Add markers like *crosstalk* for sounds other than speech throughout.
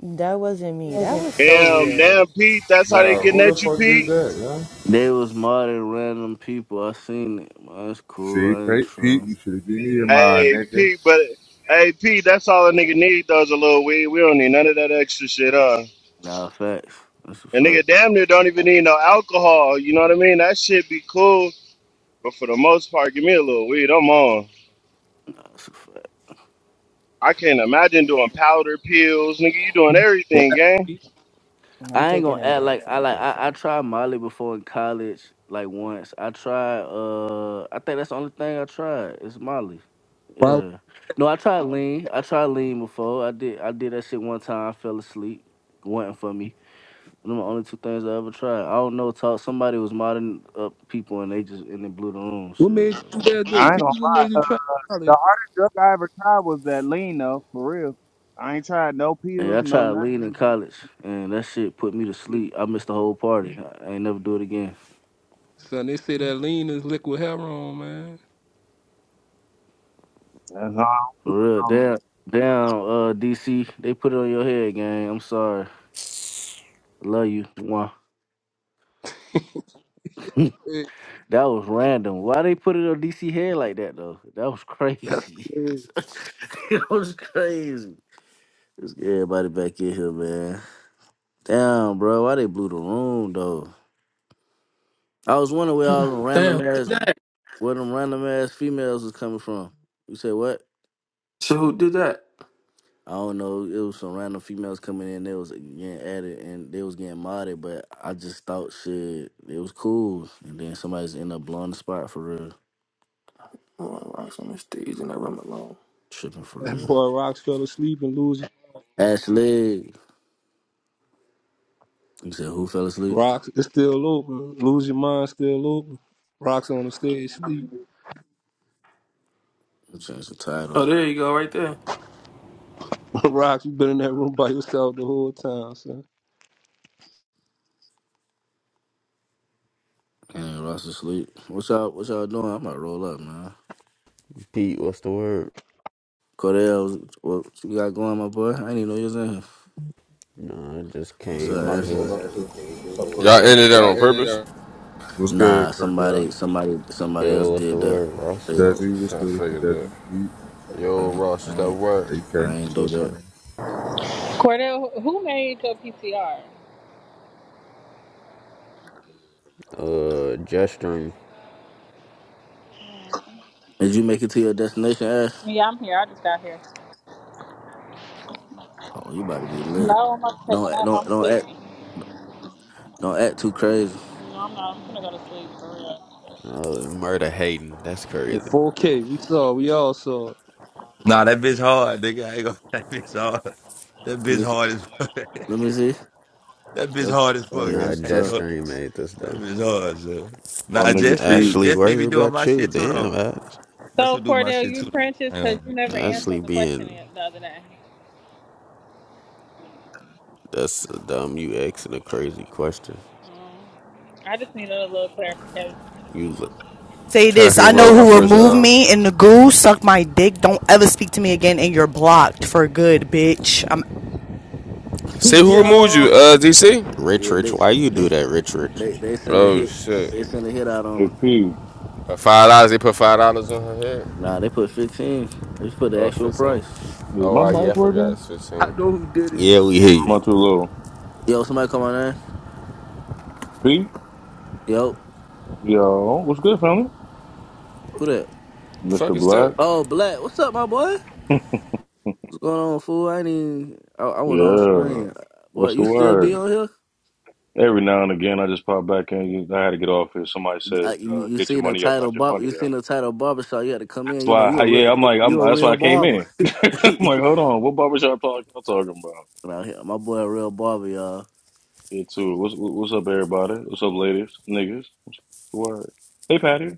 That wasn't me. That was so Damn, damn, weird. Pete. That's how they Yo, getting who the at you, fuck did Pete. that, yeah? They was modding random people. I seen it. Man, that's cool. See, That ain't Pete, Pete true. you should have given me your mind, Hey, nigga. Pete, but hey, Pete. That's all a nigga need though is a little weed. We don't need none of that extra shit, huh? Nah, facts. That's a And fact. nigga, damn near don't even need no alcohol. You know what I mean? That shit be cool, but for the most part, give me a little weed. I'm on. Nah, that's a fact. I can't imagine doing powder pills, nigga. You doing Well, everything, gang. I'm I ain't taking gonna a act break like I from like I, I drinking. tried Molly before in college, like once. I tried uh I think that's the only thing I tried It's Molly. why, Yeah. No, I tried lean. I tried lean before. I did I did that shit one time, I fell asleep. Wasn't for me. Them the only two things I ever tried. I don't know, talk somebody was modding up people and they just and they blew the room what made you do shit. that I good? ain't gonna People what lie. made you Uh, try all this? the hardest drug I ever tried was that lean though, for real. I ain't tried no Hey, pills, I no tried lean in nothing. college, and that shit put me to Yeah, sleep. I missed the whole party. I ain't never do it again. Son, they say that lean is liquid heroin, man. That's all. For real, down, down, uh, DC, they put it on your head, gang. I'm sorry. Love you. Mwah. *laughs* that Hey, was random. Why they put it on DC head like that though? That was That's crazy. *laughs* crazy. That was crazy. Let's get everybody back in here, man. Damn, bro. Why they blew the room though? I was wondering where all the Damn, random who did ass, that? where them random ass females was coming from. You said what? So who did that? I don't know. It was some random females coming in. They was getting at it and they was getting modded, but I just thought shit, it was cool. And then somebody's end up blowing the spot for real, Oh, I rocks on the stage and I run alone. tripping for That real. boy Rocks fell asleep and lose Ashley, you said who fell asleep? Rocks. It's still open. Lose your mind, still open. Rocks on the stage, sleep. I changed the title. Oh, there you go, right there. *laughs* Rocks, you been in that room by yourself the whole time, son. And Ross asleep. What y'all? What y'all doing? I'm about to roll up, man. Pete, what's the word? Cordell, what you got going, my boy? I didn't even know you was in here. Nah, I just What's Shit, up, I'm came about in to Ashley? hold here. up too. What's up, Y'all Cordell? ended that Y'all on hit it purpose? up. What's Nah, good, somebody, Cordell? somebody, somebody else Yo, what's the did that. word, Ross? They- Desi, what's I good with you, figured that. Desi? Pete, Yo, I, Ross, it's that I, word. I AK, ain't what's do up, that. you Cordell, who made your PTR? Uh, gesturing. Did you make it to your destination, Ash? Yeah, I'm here. I just got here. Oh, you about to be lit. No, I'm not taking Don't act- up. don't I'm don't act sleepy. don't act too crazy. No, I'm not. I'm gonna go to sleep for real. Uh, murder hating. That's In crazy. 4K, we saw, we all saw. it. Nah, that bitch hard, nigga. I ain't gonna, *laughs* that bitch hard. That Let bitch me see. hard as fuck. *laughs* Let me see. That bitch That- hard as Oh fuck. yeah, Nah, that's *laughs* I ain't tough. gonna, gesturing made this *laughs* that though. bitch hard, son. My Nah, nigga Jet T, Street, Ashley, Jet Street be worry doing about my you. shit too, Damn, though. Ash. That's So who do my Cordell, shit too, you though. French's I because you never Ashley answered the question being the the other day. that's dumb. You asking a crazy question. Mm. I just needed a little clarification. You, Say Time this. for me I to roll know my who I've first been removed a album. me and the goo, sucked my dick. Don't ever speak to me again, and you're blocked for good, bitch. I'm *laughs* Say who removed you, Yo. uh, DC? rich, Yeah, rich. they Why you do they that, rich, rich? they they sent a Oh, hit. shit. They sent a hit out on hey them. P, Uh, Five dollars, they put five dollars on her head? Nah, they put fifteen. They put the Oh, actual 15. price. is Oh, my uh, yeah, mic I forgot working? it's I 15. know who did it. Yeah, we hear Am you. I too low? Yo, somebody come on there. P, Yo, yo, what's good, family? who that? Fuck Mr. is that? Black, Oh, Black. What's up, my boy? *laughs* What's going on, fool? I ain't even. I, I went on the yeah, screen. Boy, what's the you still be word? on here? Every now and again, I just pop back in. I had to get off here. Somebody said, Uh, you, uh, you "Get your seen the money up, title not your barber? You funny seen up." the title barbershop? You had to come in. That's You know why, you a re- yeah, I'm you, like, I'm, you a that's why real I came barber. in. *laughs* *laughs* I'm like, hold on, what barbershop talk y'all talking about? Out here, my boy a real barber, y'all. Yeah, too. What's what's up, everybody? What's up, ladies, niggas? What's the word? Hey, Patty.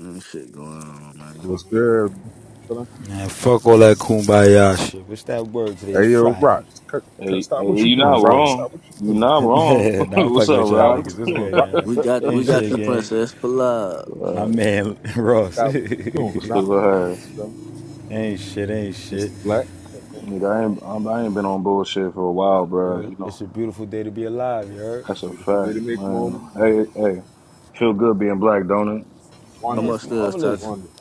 Mm, shit going on, man. What's good? Chillin'? Man, fuck all that kumbaya shit. What's that word today? It's Hey, yo, Friday. Rocks, cut, cut, Hey, stop hey, what you you doing, What's not Rock. good? wrong. Stop what you You doing. not wrong. *laughs* *laughs* nah, I'm what's fucking up, with y'all Stop what Rocks? niggas. you What's doing, *laughs* good, Rock. uh, y'all? We got we Ain't got shit, you, gang. princess. Pull up. My what's man, Ross. *laughs* Stop what you doing, ain't the Rock. What's word? you done? shit, ain't shit. Mr. Black, Nigga, I ain't I'm, I ain't been on bullshit for a while, bro. Yo, You it's know a beautiful day to be alive, you heard? that's a beautiful day fact, to make moment. man. Hey, hey, feel good being black, don't it? Man, Come it's Wonderful, upstairs, marvelous. Tati. wonderful.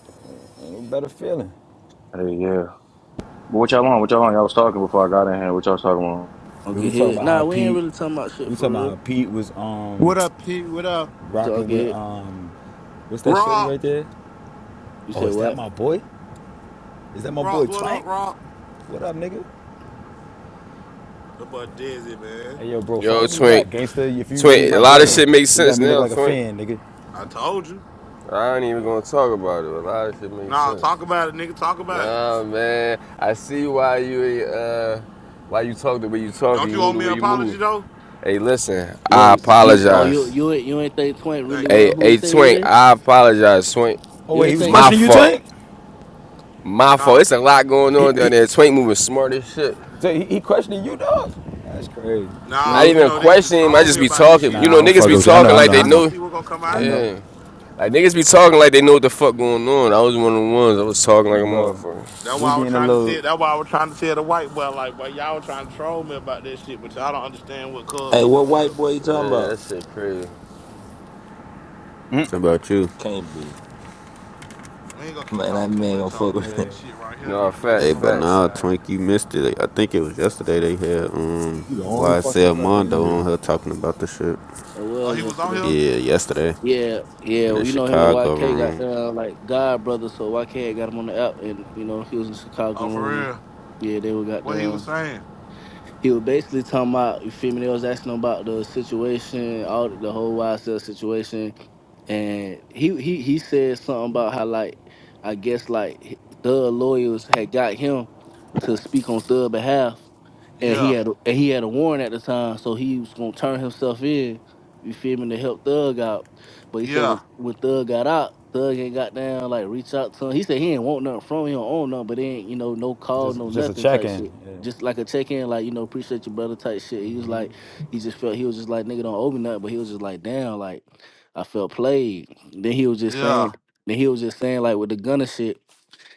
Ain't no better feeling. Hey, yeah. But what y'all on? What y'all on? Y'all was talking before I got in here. What y'all was talking about? We Okay, was talking hit. about how Nah, we ain't Pete, really talking about we shit was for talking about real. how Pete was um What up, Pete? What up? So rocking okay, with, hit. um, what's that shorty Rock, right there? You Oh, said is that what? my boy? Is that my Rock, boy what up, Twank? Rock? What up, nigga? About Desi, man. Hey yo, bro, Yo, follow me back, Twink. gangsta. If you really Twink, a my lot of brother, shit makes you got sense me look now, like a Twink. fan, nigga. I told you. I ain't even gonna talk about it. A lot of shit makes Nah, sense. talk about it, nigga. Talk about it. Nah, man. I see why you, uh, why you talk the way you You- talk and Don't you you move owe the me an way you apology move. though? Hey, listen, I Wait, you? Oh, you apologize. you ain't- you ain't think Twink really Thank you. was Hey, who he hey, say he Twink, is? I apologize, Twink. Oh You wait, he ain't was think? My questioning you, fault. Tank. My fault. Huh? It's a lot going He on down he, there. Twink moving smart as shit. he, he questioning you, dog. That's crazy. Oh I Nah, yeah, you didn't it even know they used to question him. I troll me just be about this shit, talking. Nah, and You I no, know, was I'm just niggas fucking be telling with them, you. I I know, like, talking I well, like know, I they y'all gonna know, know. see what gonna come I out. know, Yeah. Like, niggas be talking like they know what the fuck going on. I was one of the ones. I was talking like a bro. motherfucker. That's why We I be was in a trying to tell. little, That's why I was trying to tell the white boy, like, well, y'all were trying to troll me about this shit, but y'all don't understand what Cub Hey, be what doing. white Though. boy you talking Yeah, about? that shit crazy. How about you? Can't be. We ain't gonna keep Man, talking that too man gonna much fuck on it, with man. This shit right here, No, you can listen Hey, facts, from but facts. nah, outside. Twink, you missed it. I think it was yesterday they had um You the only fucking YSL cracker in Mondo here. on her talking about the shit. Oh, was he was yesterday. on here. Yeah, yesterday Yeah, yeah. in well, the You know him and Chicago YK got room. down like God brother, so YK had got him on the app, and you know he was in the Chicago Oh, for room, and real? yeah, they were got What he down was saying? he was basically talking about you feel me. They was asking him about the situation, all the, the whole YSL situation, and he he he said something about how like I guess like h- Thug lawyers had got him to speak on Thug behalf, and he Yeah. had a, and he had a warrant at the time, so he was gonna turn himself in. You feel me to help Thug out, but he said when Yeah, when Thug got out, Thug ain't got down like reach out to him. He said he ain't want nothing from him, own nothing, but he ain't you know no call, just no just a nothing check type shit in. just Yeah. like a check in, like you know, appreciate your brother type shit. He was like, he just felt he was just like nigga don't owe me nothing, but he was just like damn, like I felt played. Then he was just yeah. saying, then he was just saying like with the gunner shit.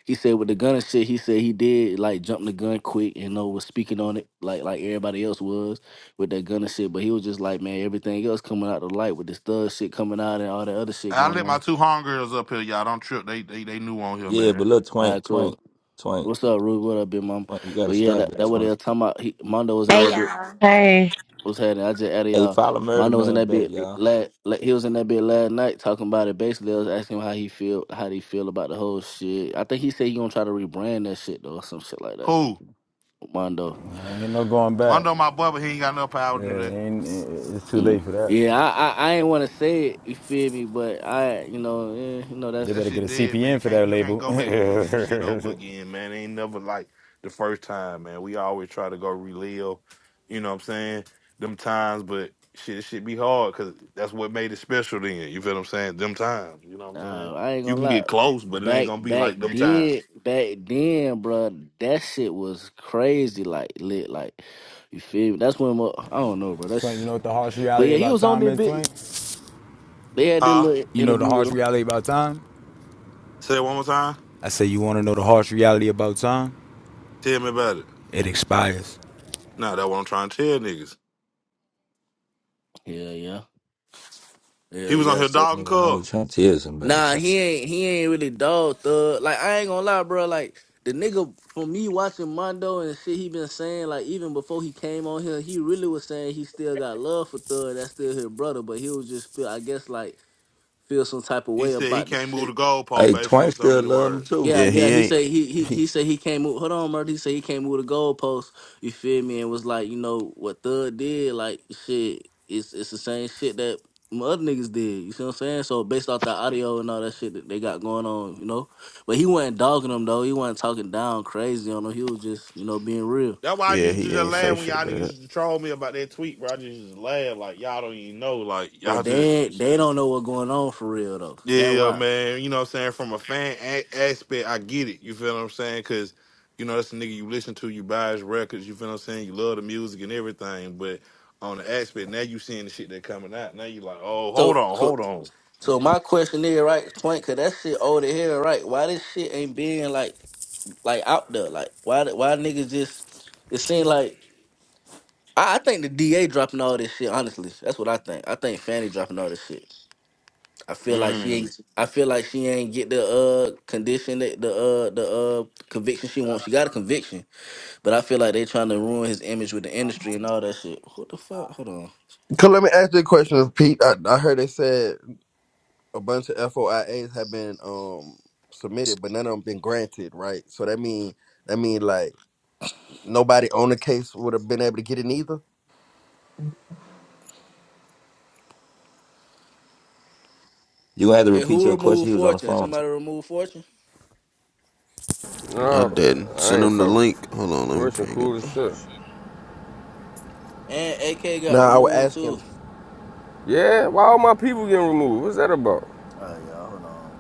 He said with the gunner shit, he said he did like jump the gun quick and you know, was speaking on it like like everybody else was with that gunner shit. But he was just like man, everything else coming out the light with this thug shit coming out and all that other shit I going let my on. two homegirls up here, y'all. Don't trip. They they they new on *laughs* here, Yeah, man. but look, All right, Twank, cool. Twank, Twank, What's up, Rude? What up, big mom? Twank. You gotta But yeah, stop that, that, that what they Twank. were talking about. He, Mondo was in Hey that bit. y'all. Hey. What's happening? I just added Hey, y'all. follow Murder Mondo was in Man that back, bit. y'all. Last, he was in that bit last night talking about it. Basically, I was asking him how he feel, how he feel about the whole shit. I think he said he gonna try to rebrand that shit though, or some shit like that. Who? Mondo. Ain't no going I back. know my brother. He ain't got enough power to Yeah, do that. ain't, it's too Mm. late for that. Yeah, I, I, I ain't want to say it. You feel me? But I, you know, eh, you know They that's. That better get shit a dead, man. CPN for Can't that you can't label. go back and do some shit over again, man. It ain't never like the first time, man. We always try to go relive, you know what I'm saying? Them times, but shit, it should be hard because that's what made it special. Then you feel what I'm saying? Them times, you know what I'm saying? Nah, I ain't You gonna can lie. get close, but it ain't Back gonna be back like them times. then, back then, bruh, that shit was crazy. Like lit, like you feel me? That's when mo- I don't know, bro. *laughs* Twink, you That's know what the harsh but reality yeah, he about was on time that is, bit. Twink? They had their Huh? little You know the interview with harsh him. reality about time? Say it one more time. I say, you want to know the harsh reality about time? Tell me about it. It expires. Nah, that's what I'm trying to tell niggas. Yeah, yeah. Yeah, He was on yeah. here So dogging Nigga, I Cub. was trying to tell somebody nah, something. he ain't he ain't really dog thug. Like I ain't gonna lie, bro. Like the nigga from me watching Mondo and shit he been saying, like even before he came on here, he really was saying he still got love for Thug. That's still his brother, but he was just feel I guess like feel some type of He way said he about the can't shit move the goalpost, Hey, basically, in Twank so still many love him words. too. Yeah, Yeah, yeah. he He ain't. said he he he said he came with hold on, murder. He said he came with a goalpost. You feel me? And was like, you know what Thug did? Like shit, it's it's the same shit that my other niggas did. You see what I'm saying? So based off the audio and all that shit that they got going on, you know. But he wasn't dogging them though. He wasn't talking down crazy on them. He was just you know being real. That's why I Yeah, used to he just ain't laugh say when shit, y'all niggas bad. used to troll me about that tweet, bro. I just, just laugh. Like, y'all don't even know. Like, y'all But just, they they don't know what's going on for real though. That yeah, why. man. You know what I'm saying? From a fan a- aspect, I get it. You feel what I'm saying? Because, you know, that's the nigga you listen to, you buy his records. You feel what I'm saying? You love the music and everything. But on the aspect, now you seeing the shit that coming out. Now you like, oh, hold So on, so hold on. so my question is right, Twink, cause that shit old as hell, right? Why this shit ain't being like like out there. Like why why niggas just it seemed like I, I think the DA dropping all this shit, honestly. That's what I think. I think Fanny dropping all this shit. I feel like she Mm. ain't I feel like she ain't get the uh condition that the uh the uh conviction she wants. She got a conviction, but I feel like they trying to ruin his image with the industry and all that shit. What the fuck? Hold on. Cause let me ask you a question, Pete. I, I heard they said a bunch of FOIAs have been um submitted, but none of them been granted, right? So that mean that mean like nobody on the case would have been able to get it either. You gonna have to Hey, repeat who your question. removed He was on the Fortune? phone. Somebody removed Fortune? I No, didn't I send ain't him the fuck. link. Hold on, let me Fresh and ping him. cool as shit. And AK got Now I was removed asking too. Yeah, why all my people getting removed? What's that about? All right, y'all, hold on.